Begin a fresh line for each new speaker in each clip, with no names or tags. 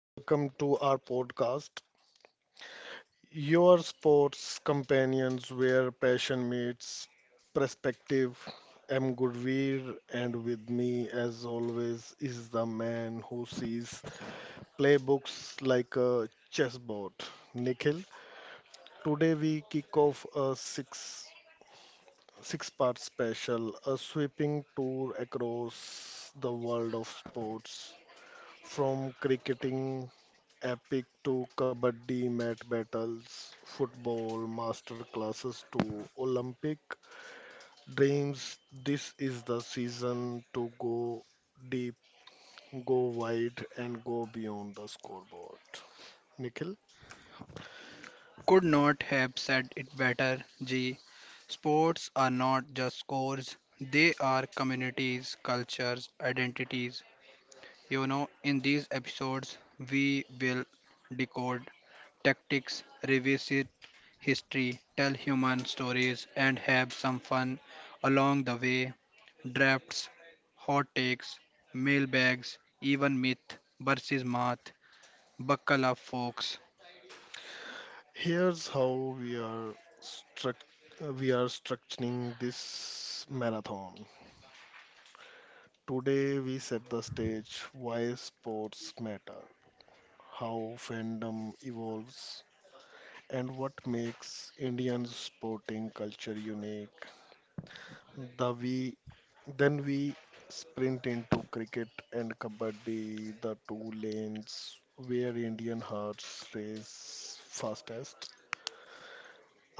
welcome to our podcast, your sports companions where passion meets perspective. I'm Gurveer, and with me, as always, is the man who sees playbooks like a chessboard, Nikhil. Today, we kick off a six part special, a sweeping tour across the world of sports from cricketing Epic to Kabaddi mat battles, football master classes to Olympic dreams. This is the season to go deep, go wide, and go beyond the scoreboard. Nikhil,
Could not have said it better, G. Sports are not just scores, they are communities, cultures, identities. You know, in these episodes, we will decode tactics, revisit history, tell human stories, and have some fun along the way. Drafts, hot takes, mailbags, even myth versus math. Buckle up, folks.
here's how we are struct we are structuring this marathon. Today we set the stage why sports matter, how fandom evolves, and what makes Indian sporting culture unique. The we then we sprint into cricket and kabaddi, the two lanes where Indian hearts race fastest.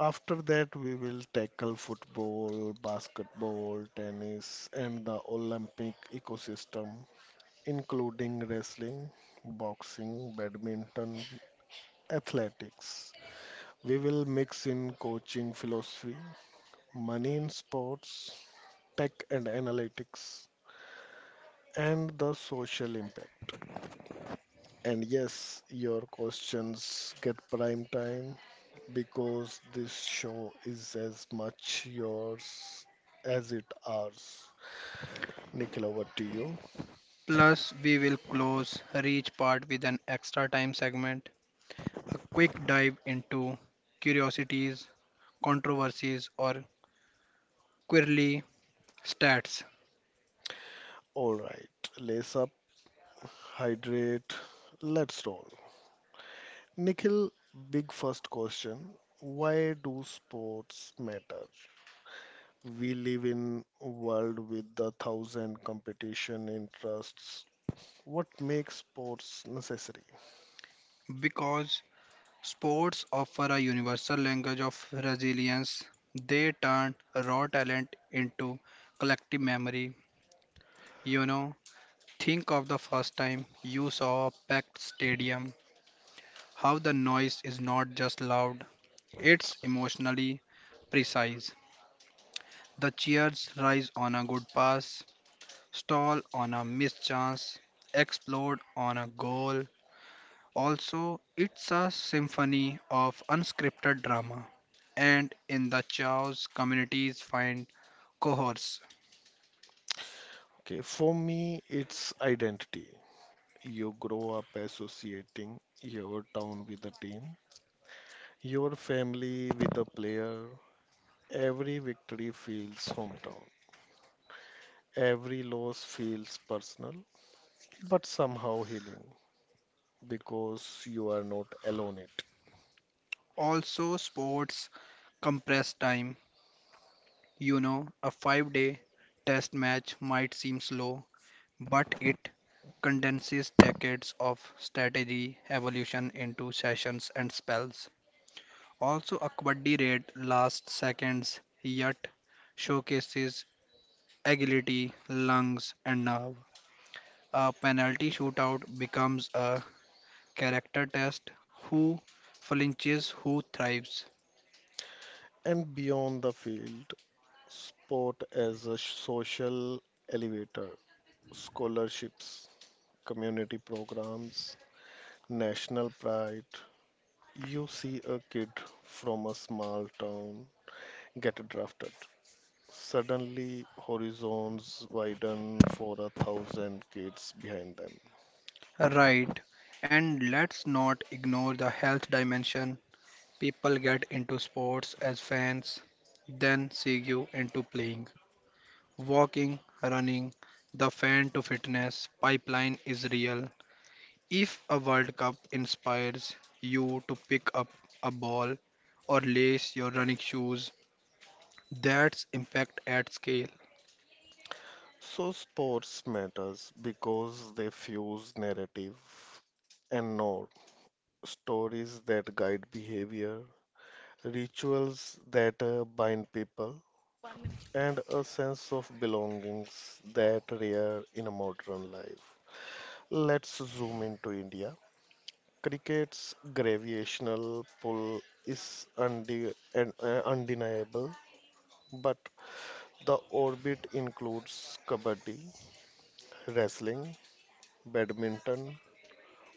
After that, we will tackle football, basketball, tennis, and the Olympic ecosystem, including wrestling, boxing, badminton, athletics. We will mix in coaching philosophy, money in sports, tech and analytics, and the social impact. And yes, your questions get prime time because this show is as much yours as it ours. Nikhil, over to you.
Plus, we will close each part with an extra time segment, a quick dive into curiosities, controversies, or quirky stats.
All right, lace up, hydrate, let's roll. Nikhil, big first question. Why do sports matter? We live in a world with a thousand competition interests. What makes sports necessary?
Because sports offer a universal language of resilience, they turn raw talent into collective memory. You know, think of the first time you saw a packed stadium, how the noise is not just loud, it's emotionally precise. The cheers rise on a good pass, stall on a missed chance, explode on a goal. Also, it's a symphony of unscripted drama, and in the chaos, communities find cohorts.
Okay, for me, it's identity. You grow up associating your town with a team, your family with a player. Every victory feels hometown. Every loss feels personal, but somehow healing because you are not alone it.
Also, sports compress time. You know, a 5-day test match might seem slow, but it condenses decades of strategy evolution into sessions and spells. Also, a kabaddi raid lasts seconds yet showcases agility, lungs, and nerve. A penalty shootout becomes a character test: who flinches, who thrives.
And beyond the field, sport as a social elevator, scholarships, community programs, national pride. You see a kid from a small town get drafted. Suddenly, horizons widen for a thousand kids behind them.
Right, and let's not ignore the health dimension. People get into sports as fans, then segue into playing. Walking, running, the fan to fitness pipeline is real. If a World Cup inspires you to pick up a ball or lace your running shoes, that's impact at scale.
So, sports matters because they fuse narrative and norm, stories that guide behavior, rituals that bind people, and a sense of belongings that rare in a modern life. Let's zoom into India. Cricket's gravitational pull is undeniable, but the orbit includes kabaddi, wrestling, badminton,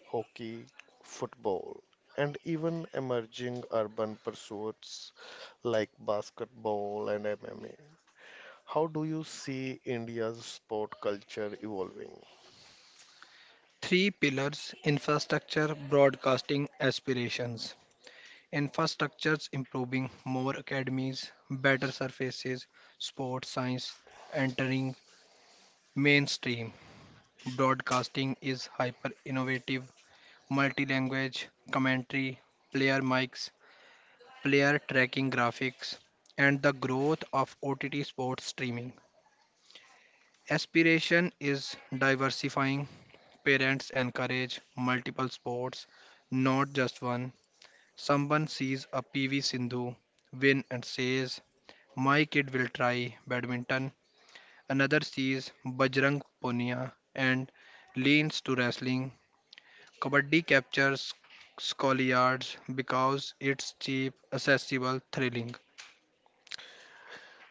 hockey, football, and even emerging urban pursuits like basketball and MMA. How do you see India's sport culture evolving?
Three pillars: infrastructure, broadcasting, aspirations. Infrastructures improving, more academies, better surfaces, sports science entering mainstream. Broadcasting is hyper innovative, multi language, commentary, player mics, player tracking graphics, and the growth of OTT sports streaming. Aspiration is diversifying. Parents encourage multiple sports, not just one. Someone sees a PV Sindhu win and says, "My kid will try badminton." Another sees Bajrang Punia and leans to wrestling. Kabaddi captures schoolyards because it's cheap, accessible, thrilling.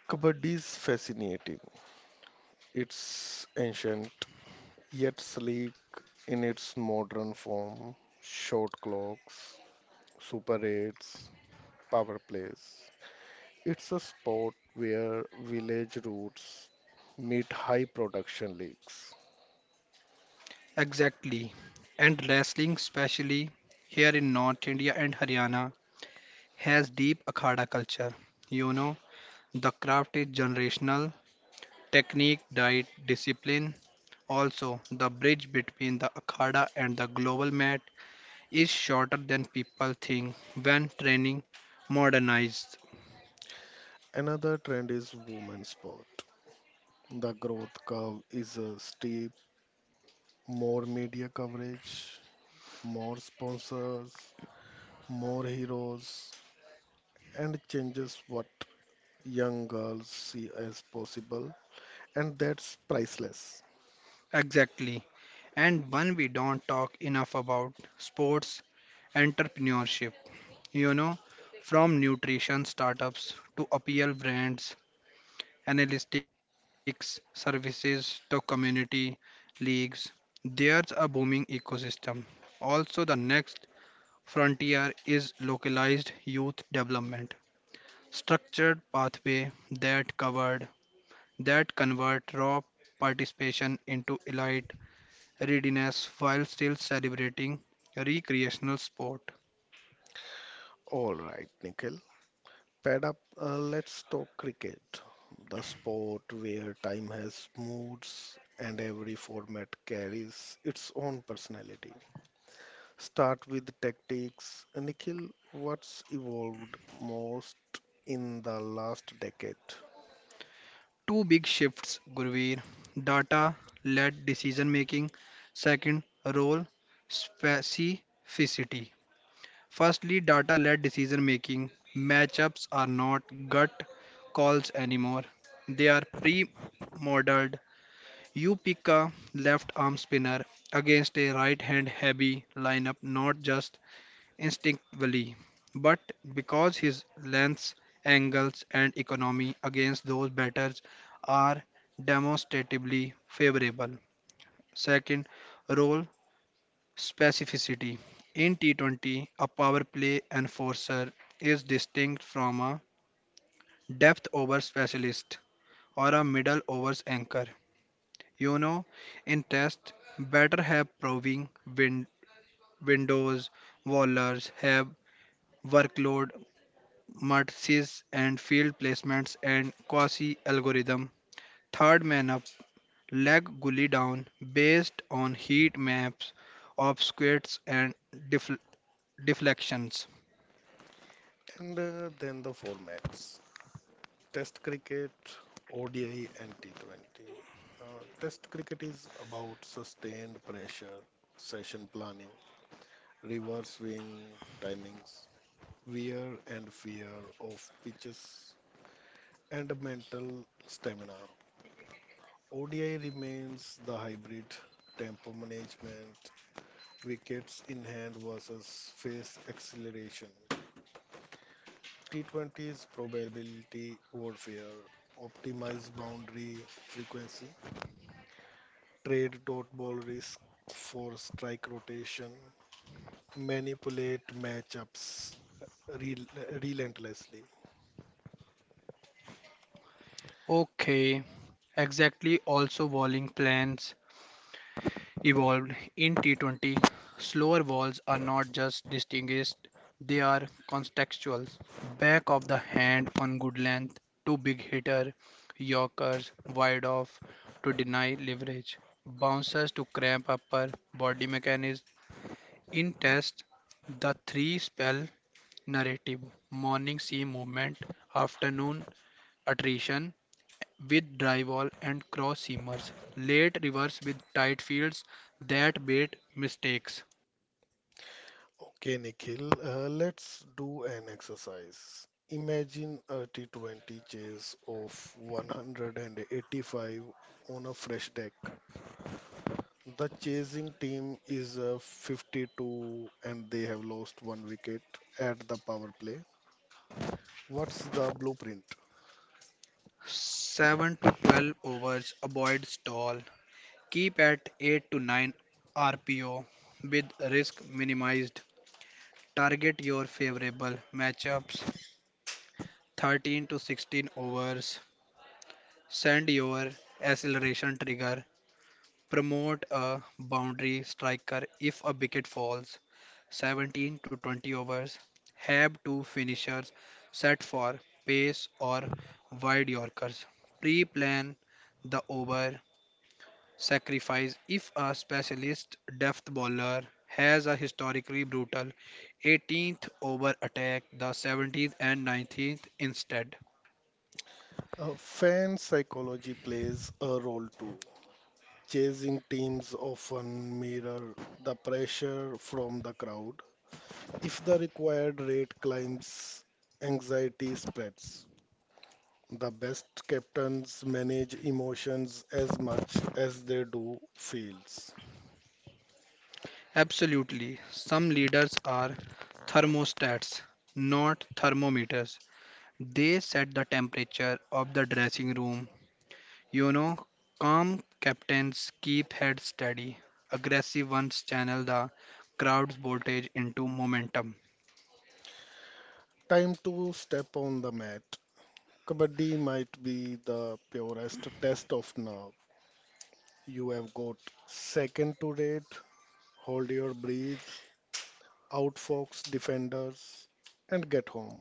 Kabaddi is fascinating. It's ancient, yet sleek in its modern form. Short clocks, super eights, power plays. It's a sport where village roots meet high production leagues.
Exactly. And wrestling, especially here in North India and Haryana, has deep Akhada culture. You know, the craft is generational: technique, diet, discipline. Also, the bridge between the Akhada and the global mat is shorter than people think when training modernized.
Another trend is women's sport. The growth curve is a steep, more media coverage, more sponsors, more heroes, and changes what young girls see as possible, and that's priceless.
Exactly. And one we don't talk enough about: sports entrepreneurship. You know, from nutrition startups to apparel brands, analytics services to community leagues, there's a booming ecosystem. Also, the next frontier is localized youth development, structured pathway that covered that convert raw participation into elite readiness while still celebrating recreational sport.
All right, Nikhil, pad up. Let's talk cricket, the sport where time has moods and every format carries its own personality. Start with tactics. Nikhil, what's evolved most in the last decade?
Two big shifts, Gurveer. Data led decision making. Second, role specificity. Firstly, data led decision making. Matchups are not gut calls anymore, they are pre modeled. You pick a left arm spinner against a right hand heavy lineup, not just instinctively, but because his lengths, angles, and economy against those batters are demonstrably favorable. Second, role specificity. In T20, a power play enforcer is distinct from a depth over specialist or a middle overs anchor. You know, in test, batter have proving win- windows, bowlers have workload matrices and field placements and quasi algorithm. Third man up, leg gully down based on heat maps, obstacules and def- deflections.
And Then the formats. Test cricket, ODI, and T20. Uh, Test cricket is about sustained pressure, session planning, reverse swing timings, wear and fear of pitches, and mental stamina. ODI remains the hybrid tempo management, wickets in hand versus face acceleration. T20 is probability warfare, optimized boundary frequency, trade dot ball risk for strike rotation, manipulate matchups relentlessly.
Okay, exactly, also walling plans evolved in T-20, slower balls are not just distinguished, they are contextual. Back of the hand on good length to big hitter, yorkers wide off to deny leverage, bouncers to cramp upper body mechanism. In test, the three spell narrative: morning seam movement, afternoon attrition, with drywall and cross seamers, late rivers with tight fields that bait mistakes.
Okay, Nikhil, let's do an exercise. Imagine a T20 chase of 185 on a fresh deck. The chasing team is a 52 and they have lost one wicket at the power play. What's the blueprint?
7 to 12 overs, avoid stall. Keep at 8 to 9 RPO with risk minimized. Target your favorable matchups. 13 to 16 overs, send your acceleration trigger. Promote a boundary striker if a wicket falls. 17 to 20 overs. Have two finishers set for pace or wide Yorkers. Pre plan the over. Sacrifice if a specialist depth bowler has a historically brutal 18th over: attack the 17th and 19th instead.
Fan psychology plays a role too. Chasing teams often mirror the pressure from the crowd. If the required rate climbs, anxiety spreads. The best captains manage emotions as much as they do fields.
Absolutely, some leaders are thermostats, not thermometers. They set the temperature of the dressing room. You know, calm captains keep heads steady, aggressive ones channel the crowd's voltage into momentum.
Time to step on the mat. Kabaddi might be the purest test of nerve. You have got second to rate, hold your breath, outfox defenders, and get home.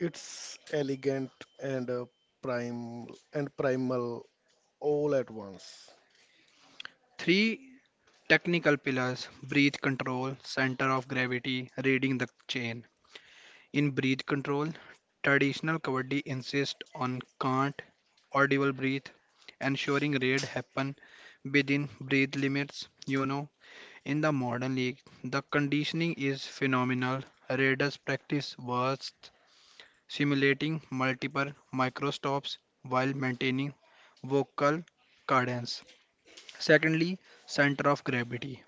It's elegant and prime and primal all at once.
Three technical pillars: breath control, center of gravity, reading the chain. In breath control, traditional Kabaddi insists on count, audible breath, ensuring raid happen within breath limits. You know, in the modern league, the conditioning is phenomenal. Raiders practice bursts, simulating multiple microstops while maintaining vocal cadence. Secondly, center of gravity.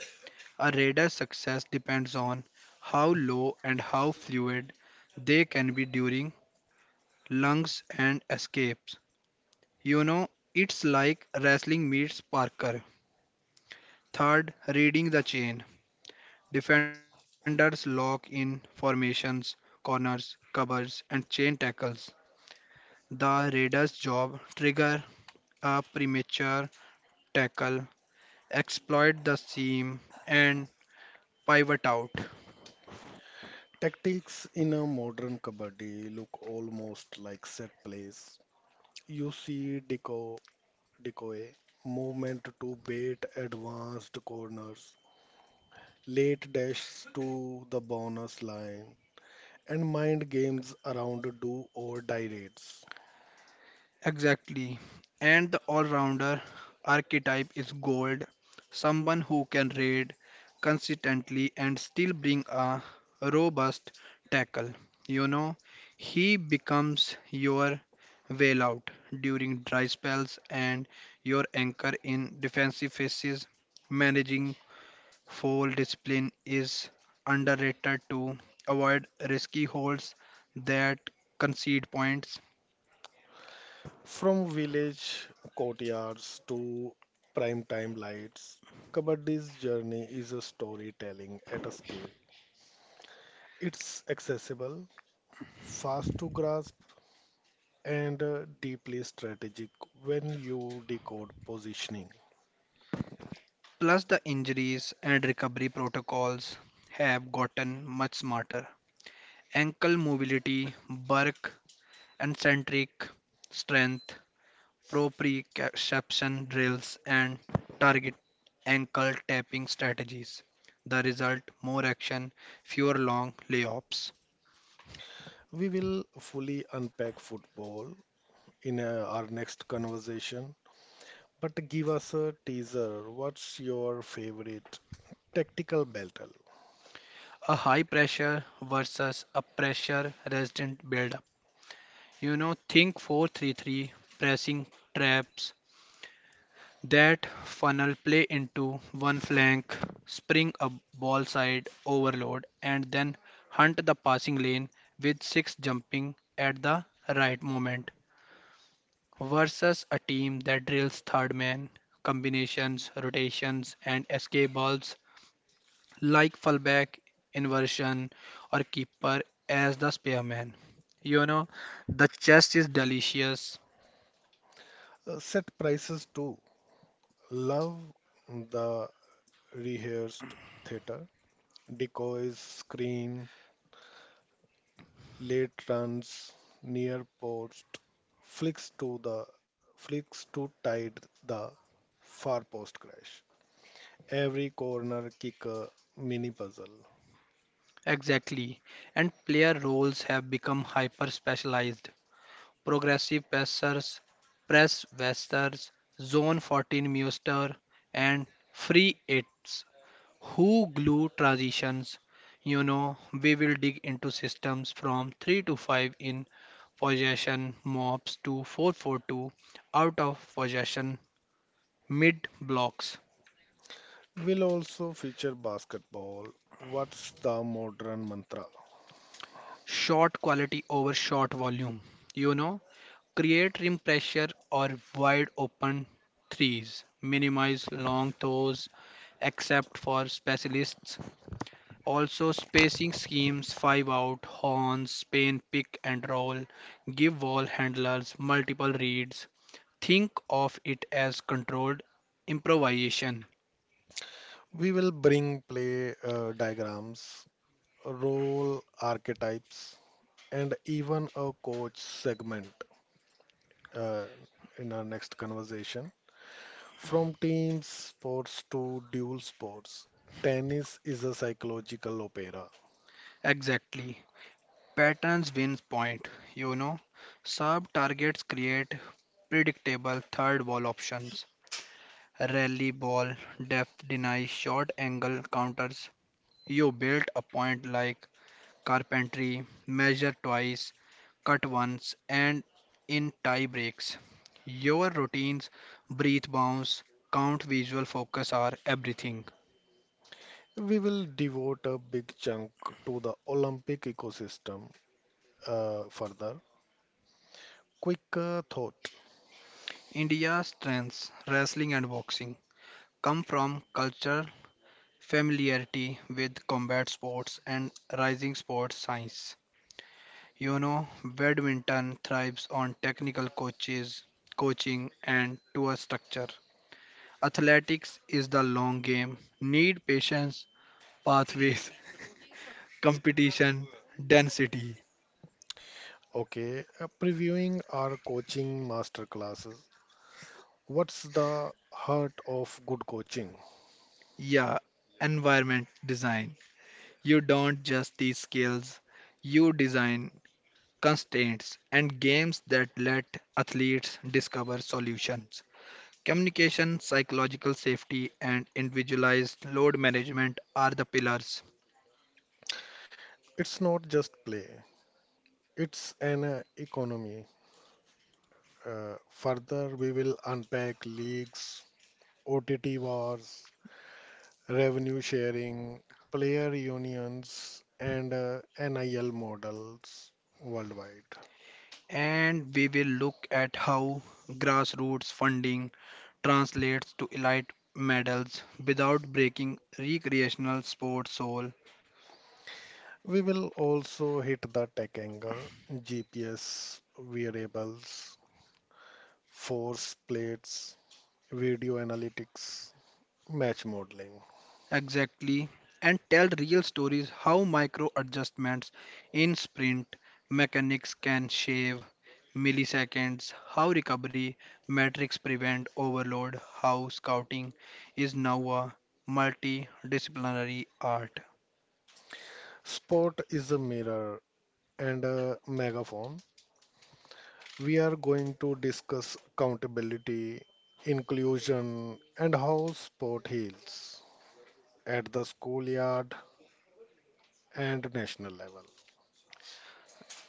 A Raider's success depends on how low and how fluid they can be during lunges and escapes. You know, it's like wrestling meets Parker. Third, reading the chain. Defenders lock in formations, corners, covers, and chain tackles. The Raiders' job: trigger a premature tackle, exploit the seam, and pivot out.
Tactics in a modern kabaddi look almost like set plays. You see decoy movement to bait advanced corners, late dashes to the bonus line, and mind games around do or die raids.
Exactly. And the all rounder archetype is gold, someone who can raid consistently and still bring a robust tackle. You know, he becomes your whale out during dry spells and your anchor in defensive phases. Managing foul discipline is underrated, to avoid risky holds that concede points.
From village courtyards to prime time lights, Kabaddi's journey is a storytelling at a scale. It's accessible, fast to grasp, and deeply strategic when you decode positioning.
Plus, the injuries and recovery protocols have gotten much smarter. Ankle mobility, bulk and centric strength, proprioception drills, and target ankle tapping strategies. The result: more action, fewer long layoffs.
We will fully unpack football in our next conversation, but give us a teaser. What's your favorite tactical battle?
A high pressure versus a pressure resistant buildup. You know, think 433 pressing traps that funnel play into one flank, spring a ball side overload, and then hunt the passing lane with six jumping at the right moment. Versus a team that drills third man, combinations, rotations, and escape balls like fullback, inversion, or keeper as the spearman. You know, the chess is delicious.
Set prices too. Love the rehearsed theatre, decoys, screen, late runs, near post, flicks to the flicks to tide the far post crash. Every corner kicker mini puzzle.
Exactly. And player roles have become hyper specialized: progressive pacers, press westers, zone 14 muster, and free its who glue transitions. You know, we will dig into systems from 3 to 5 in possession, mobs to 442 out of possession, mid blocks,
Will also feature basketball. What's the modern mantra?
shot quality over shot volume. You know, create rim pressure or wide open threes, minimize long throws, except for specialists. Also, spacing schemes: 5 out, horns, spin, pick and roll, give wall handlers multiple reads. Think of it as controlled improvisation.
We will bring play diagrams, role archetypes, and even a coach segment uh, in our next conversation. From team sports to dual sports, tennis is a psychological opera.
Exactly. Patterns wins point, you know. Sub targets create predictable third ball options. Rally ball, depth deny, short angle counters. You built a point like carpentry: measure twice, cut once, and in tie breaks. Your routines, breathe bounce, count visual focus are everything.
We will devote a big chunk to the Olympic ecosystem further. Quick thought.
India's strengths, wrestling and boxing, come from culture, familiarity with combat sports, and rising sports science. You know, badminton thrives on technical coaches, coaching, and tour structure. Athletics is the long game, need patience, pathways, competition, density.
Okay, previewing our coaching master classes. What's the heart of good coaching?
Yeah, environment design. You don't just teach skills, you design constraints and games that let athletes discover solutions. Communication, psychological safety, and individualized load management are the pillars.
It's not just play, it's an economy. Further, we will unpack leagues, OTT wars, revenue sharing, player unions, and NIL models worldwide.
And we will look at how grassroots funding translates to elite medals without breaking recreational sports soul.
We will also hit the tech angle, GPS, variables, force plates, video analytics, match modeling.
Exactly, and tell real stories: how micro adjustments in sprint mechanics can shave milliseconds, how recovery metrics prevent overload, how scouting is now a multidisciplinary art.
Sport is a mirror and a megaphone. We are going to discuss accountability, inclusion, and how sport heals at the schoolyard and national level.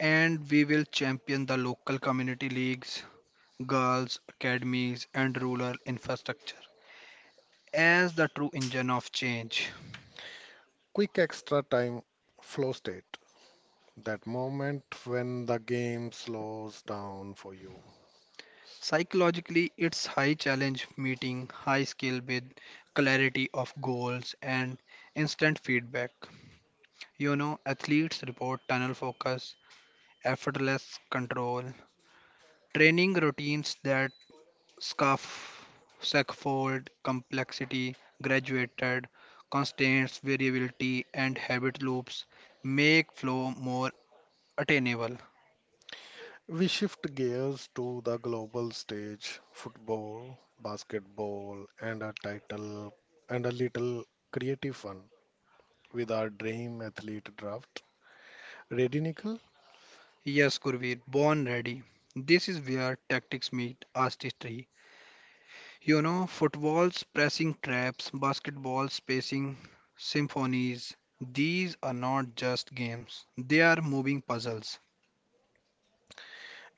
And we will champion the local community leagues, girls' academies, and rural infrastructure as the true engine of change.
Quick extra time flow state, that moment when the game slows down for you.
Psychologically, it's high challenge meeting high skill with clarity of goals and instant feedback. You know, athletes report tunnel focus, effortless control, training routines that scuff, scaffold complexity, graduated, constraints, variability, and habit loops make flow more attainable.
We shift gears to the global stage, football, basketball, and a title and a little creative fun with our dream athlete draft. Ready, Nickel?
Yes, Gurveer, born ready. This is where tactics meet artistry. You know, football's pressing traps, basketball's spacing symphonies, these are not just games, they are moving puzzles.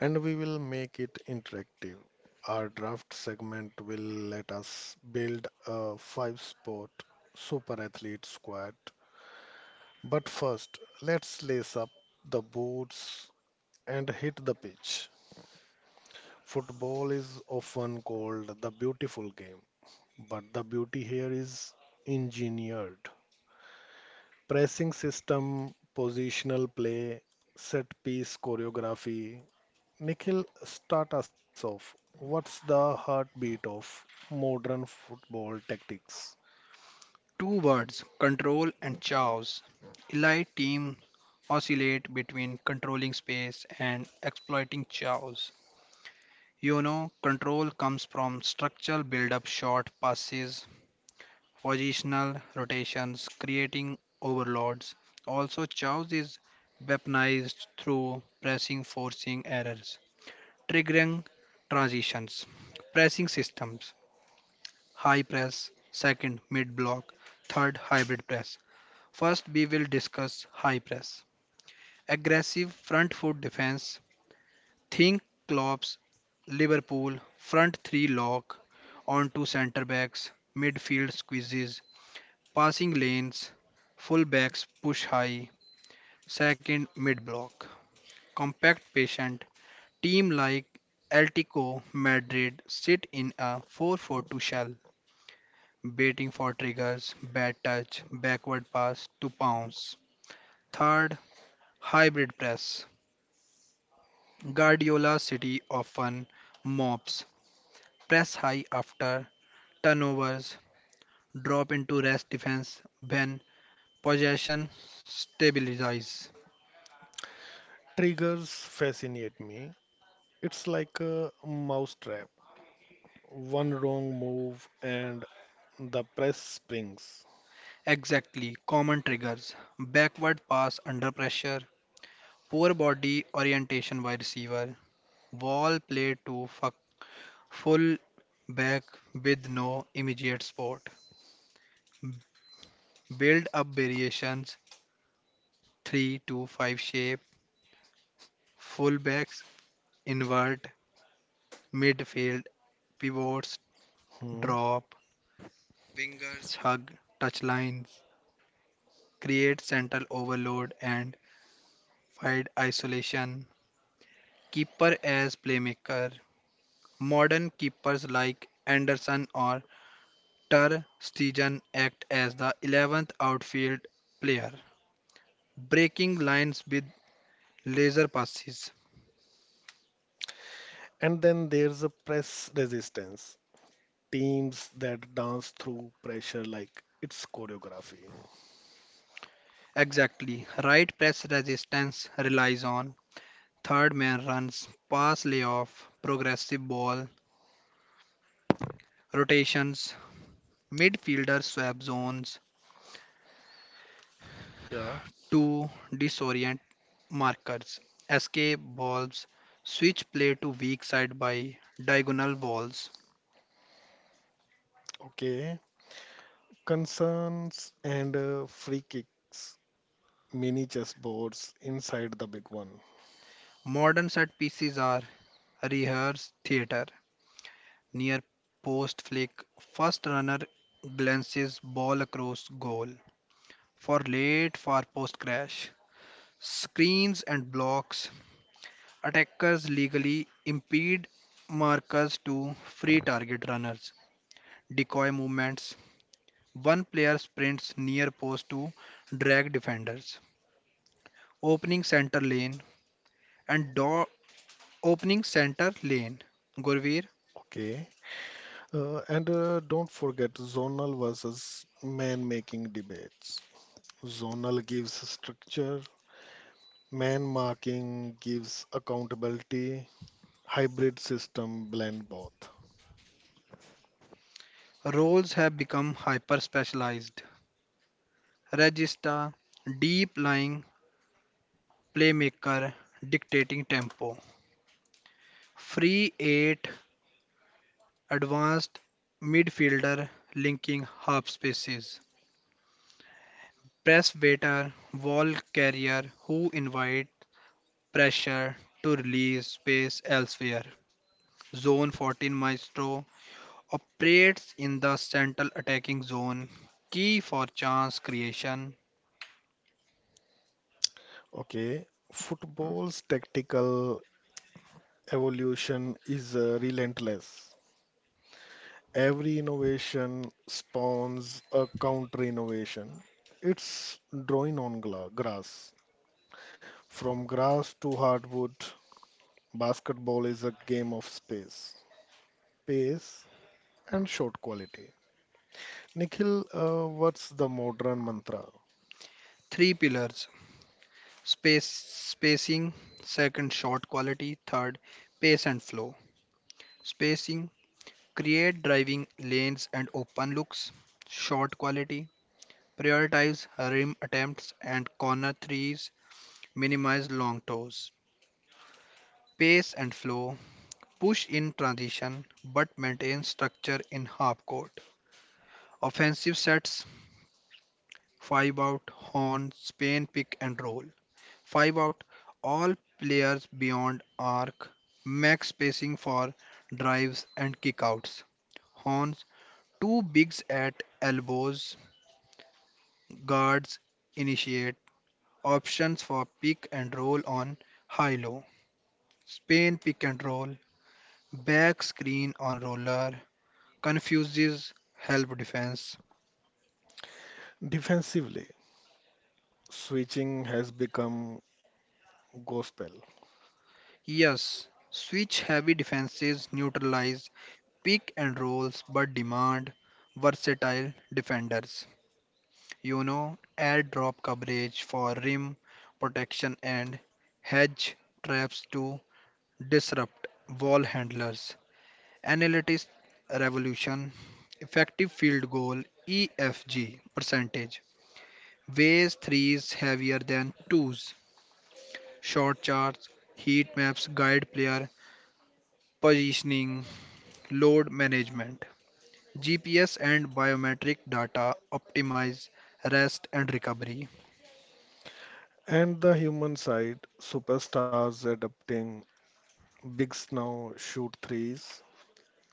And we will make it interactive. Our draft segment will let us build a five sport super athlete squad. But first, let's lace up the boots and hit the pitch. Football is often called the beautiful game, but the beauty here is engineered. Pressing system, positional play, set piece choreography. Nikhil, start us off. What's the heartbeat of modern football tactics?
Two words: control and chaos. Elite teams oscillate between controlling space and exploiting chaos. You know, control comes from structural build up, short passes, positional rotations, creating overloads. Also, chaos is weaponized through pressing: forcing errors, triggering transitions, pressing systems, high press, second mid block, third hybrid press. First, we will discuss high press. Aggressive front foot defense, think Klopp's Liverpool: front three lock onto centre backs, midfield squeezes, passing lanes, fullbacks push high. Second, mid block. Compact patient, team like Atlético Madrid sit in a 4-4-2 shell, baiting for triggers, bad touch, backward pass to pounce. Third, hybrid press. Guardiola City often mops, press high after turnovers, drop into rest defense when possession stabilizes.
Triggers fascinate me. It's like a mousetrap. One wrong move and the press springs.
Exactly, common triggers: backward pass under pressure, poor body orientation by receiver, wall play to fuck, full back with no immediate support, build up variations 3 to 5 shape, full backs invert, midfield pivots
Hmm.
drop, wingers hug touch lines, create central overload and wide isolation, keeper as playmaker. Modern keepers like Anderson or Ter Stegen act as the 11th outfield player, breaking lines with laser passes.
And then there's a press resistance. Teams that dance through pressure like it's choreography.
Exactly, right, press resistance relies on third man runs, pass layoff, progressive ball, rotations, midfielder swap zones
Yeah.
to disorient markers, escape balls, switch play to weak side by diagonal walls.
Okay. Concerns and free kicks. Mini chessboards inside the big one.
Modern set pieces are rehearse theatre: near post flick, first runner glances ball across goal for late for post crash, screens and blocks, attackers legally impede markers to free target runners, decoy movements, one player sprints near post to drag defenders, opening center lane and door opening center lane, Gurveer.
Okay. And Don't forget zonal versus man making debates. Zonal gives structure, man marking gives accountability. Hybrid system blend both.
Roles have become hyper specialized. Regista, deep lying playmaker dictating tempo. Free 8, advanced midfielder linking half spaces. Press waiter, ball carrier who invite pressure to release space elsewhere. Zone 14 Maestro operates in the central attacking zone, key for chance creation.
Okay, football's tactical evolution is relentless. Every innovation spawns a counter innovation. It's drawing on grass. From grass to hardwood, basketball is a game of space, pace, and shot quality. Nikhil, what's the modern mantra?
Three pillars: space spacing, second shot quality, third pace and flow. Spacing, create driving lanes and open looks. Shot quality, prioritize rim attempts and corner threes, minimize long toes. Pace and flow, push in transition but maintain structure in half court. Offensive sets, five out, horn, Spain pick and roll. 5 out. All players beyond arc, max spacing for drives and kickouts. Horns, 2 bigs at elbows, guards initiate, options for pick and roll on high low. Spain pick and roll, back screen on roller, confuses help defense.
Defensively, switching has become gospel.
Yes, switch heavy defenses neutralize pick and rolls but demand versatile defenders. You know, airdrop coverage for rim protection and hedge traps to disrupt ball handlers. Analytics revolution, effective field goal EFG percentage, weighs threes heavier than twos, short charts, heat maps guide player positioning, load management. GPS and biometric data optimize rest and recovery.
And the human side, superstars adapting bigs now shoot threes,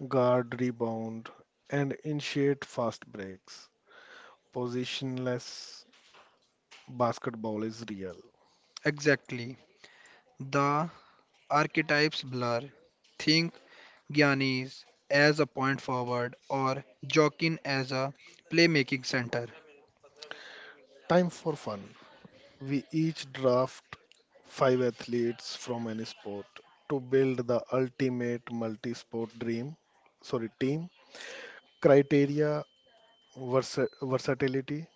guard rebound, and initiate fast breaks. Positionless basketball is real.
Exactly. The archetypes blur. Think Giannis as a point forward or Jokin as a playmaking center.
Time for fun. We each draft five athletes from any sport to build the ultimate multi sport dream. Sorry, team. Criteria versatility,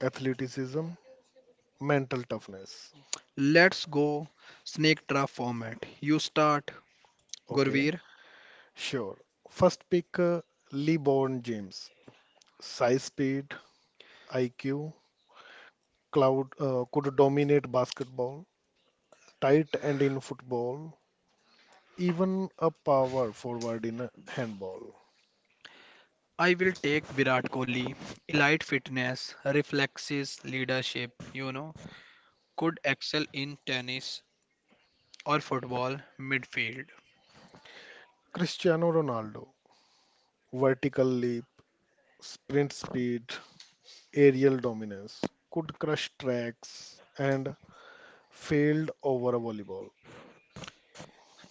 athleticism, mental toughness.
Let's go snake draft format. You start,
Okay,
Gurveer.
sure. First pick LeBron James. Size, speed, IQ, Cloud could dominate basketball, tight end in football, even a power forward in handball.
I will take Virat Kohli. Elite fitness, reflexes, leadership, you know, could excel in tennis or football midfield.
Cristiano Ronaldo, vertical leap, sprint speed, aerial dominance, could crush tracks and failed over a volleyball.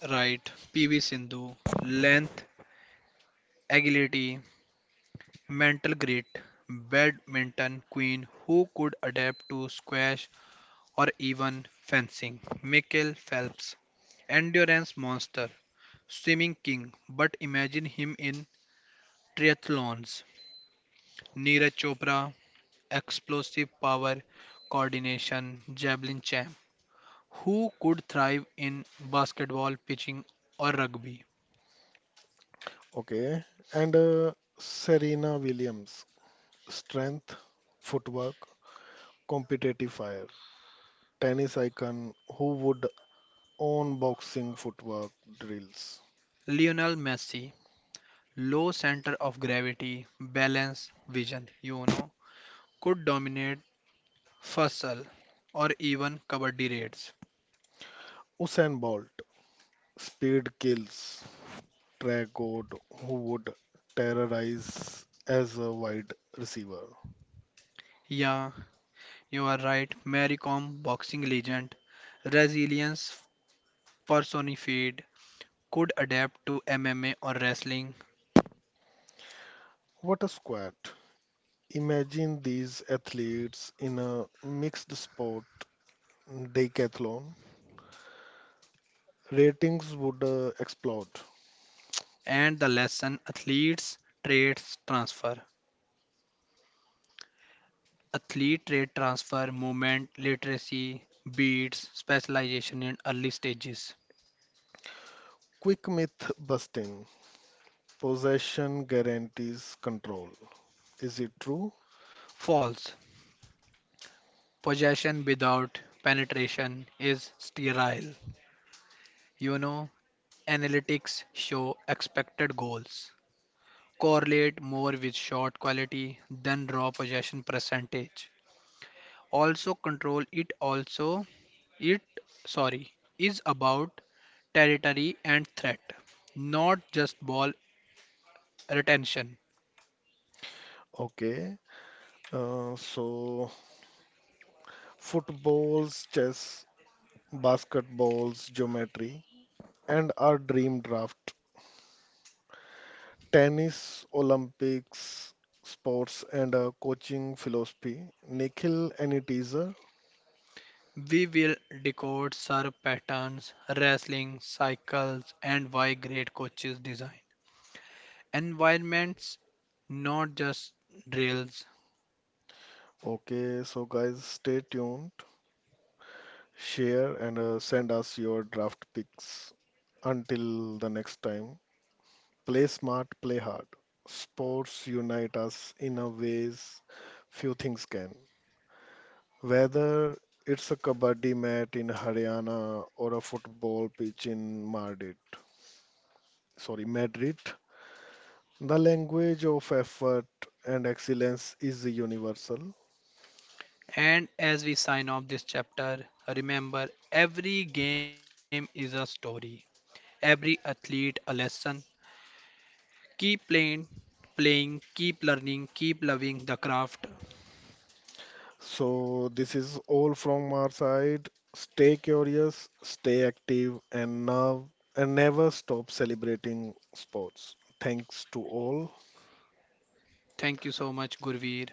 Right, PV Sindhu, length, agility, mental great badminton queen who could adapt to squash or even fencing. Michael Phelps, endurance monster, swimming king, but imagine him in triathlons. Neeraj Chopra, explosive power, coordination, javelin champ, who could thrive in basketball, pitching, or rugby.
Okay, and Serena Williams, strength, footwork, competitive fire, tennis icon who would own boxing footwork drills.
Lionel Messi, low center of gravity, balance, vision, you know, could dominate फसल, or even kabaddi raids.
Usain Bolt, speed kills. Trey God, who would terrorize as a wide receiver.
Yeah, you are right. Mary Kom, boxing legend, resilience personified, could adapt to MMA or wrestling,
What a squad! Imagine these athletes in a mixed sport decathlon. Ratings would explode.
and the lesson: athletes traits transfer. Athlete trait transfer, movement, literacy, beats, specialization in early stages.
Quick myth busting. Possession guarantees control. Is it true?
False. Possession without penetration is sterile. You know, analytics show expected goals correlate more with shot quality than raw possession percentage. Also control, it also it sorry is about territory and threat, not just ball retention.
Okay. So, footballs, chess, basketballs, geometry. And our dream draft tennis, Olympics, sports, and coaching philosophy. Nikhil, any teaser?
We will decode serve patterns, wrestling cycles, and why great coaches design environments, not just drills.
Okay, so guys, stay tuned, share, and send us your draft picks. Until the next time, play smart, play hard. Sports unite us in a ways few things can. Whether it's a kabaddi mat in Haryana or a football pitch in Madrid, sorry, Madrid, the language of effort and excellence is universal.
And as we sign off this chapter, remember every game is a story, every athlete a lesson. Keep playing, keep learning, keep loving the craft.
So, this is all from our side. Stay curious, stay active, and now and never stop celebrating sports. Thanks to all.
Thank you so much, Gurveer.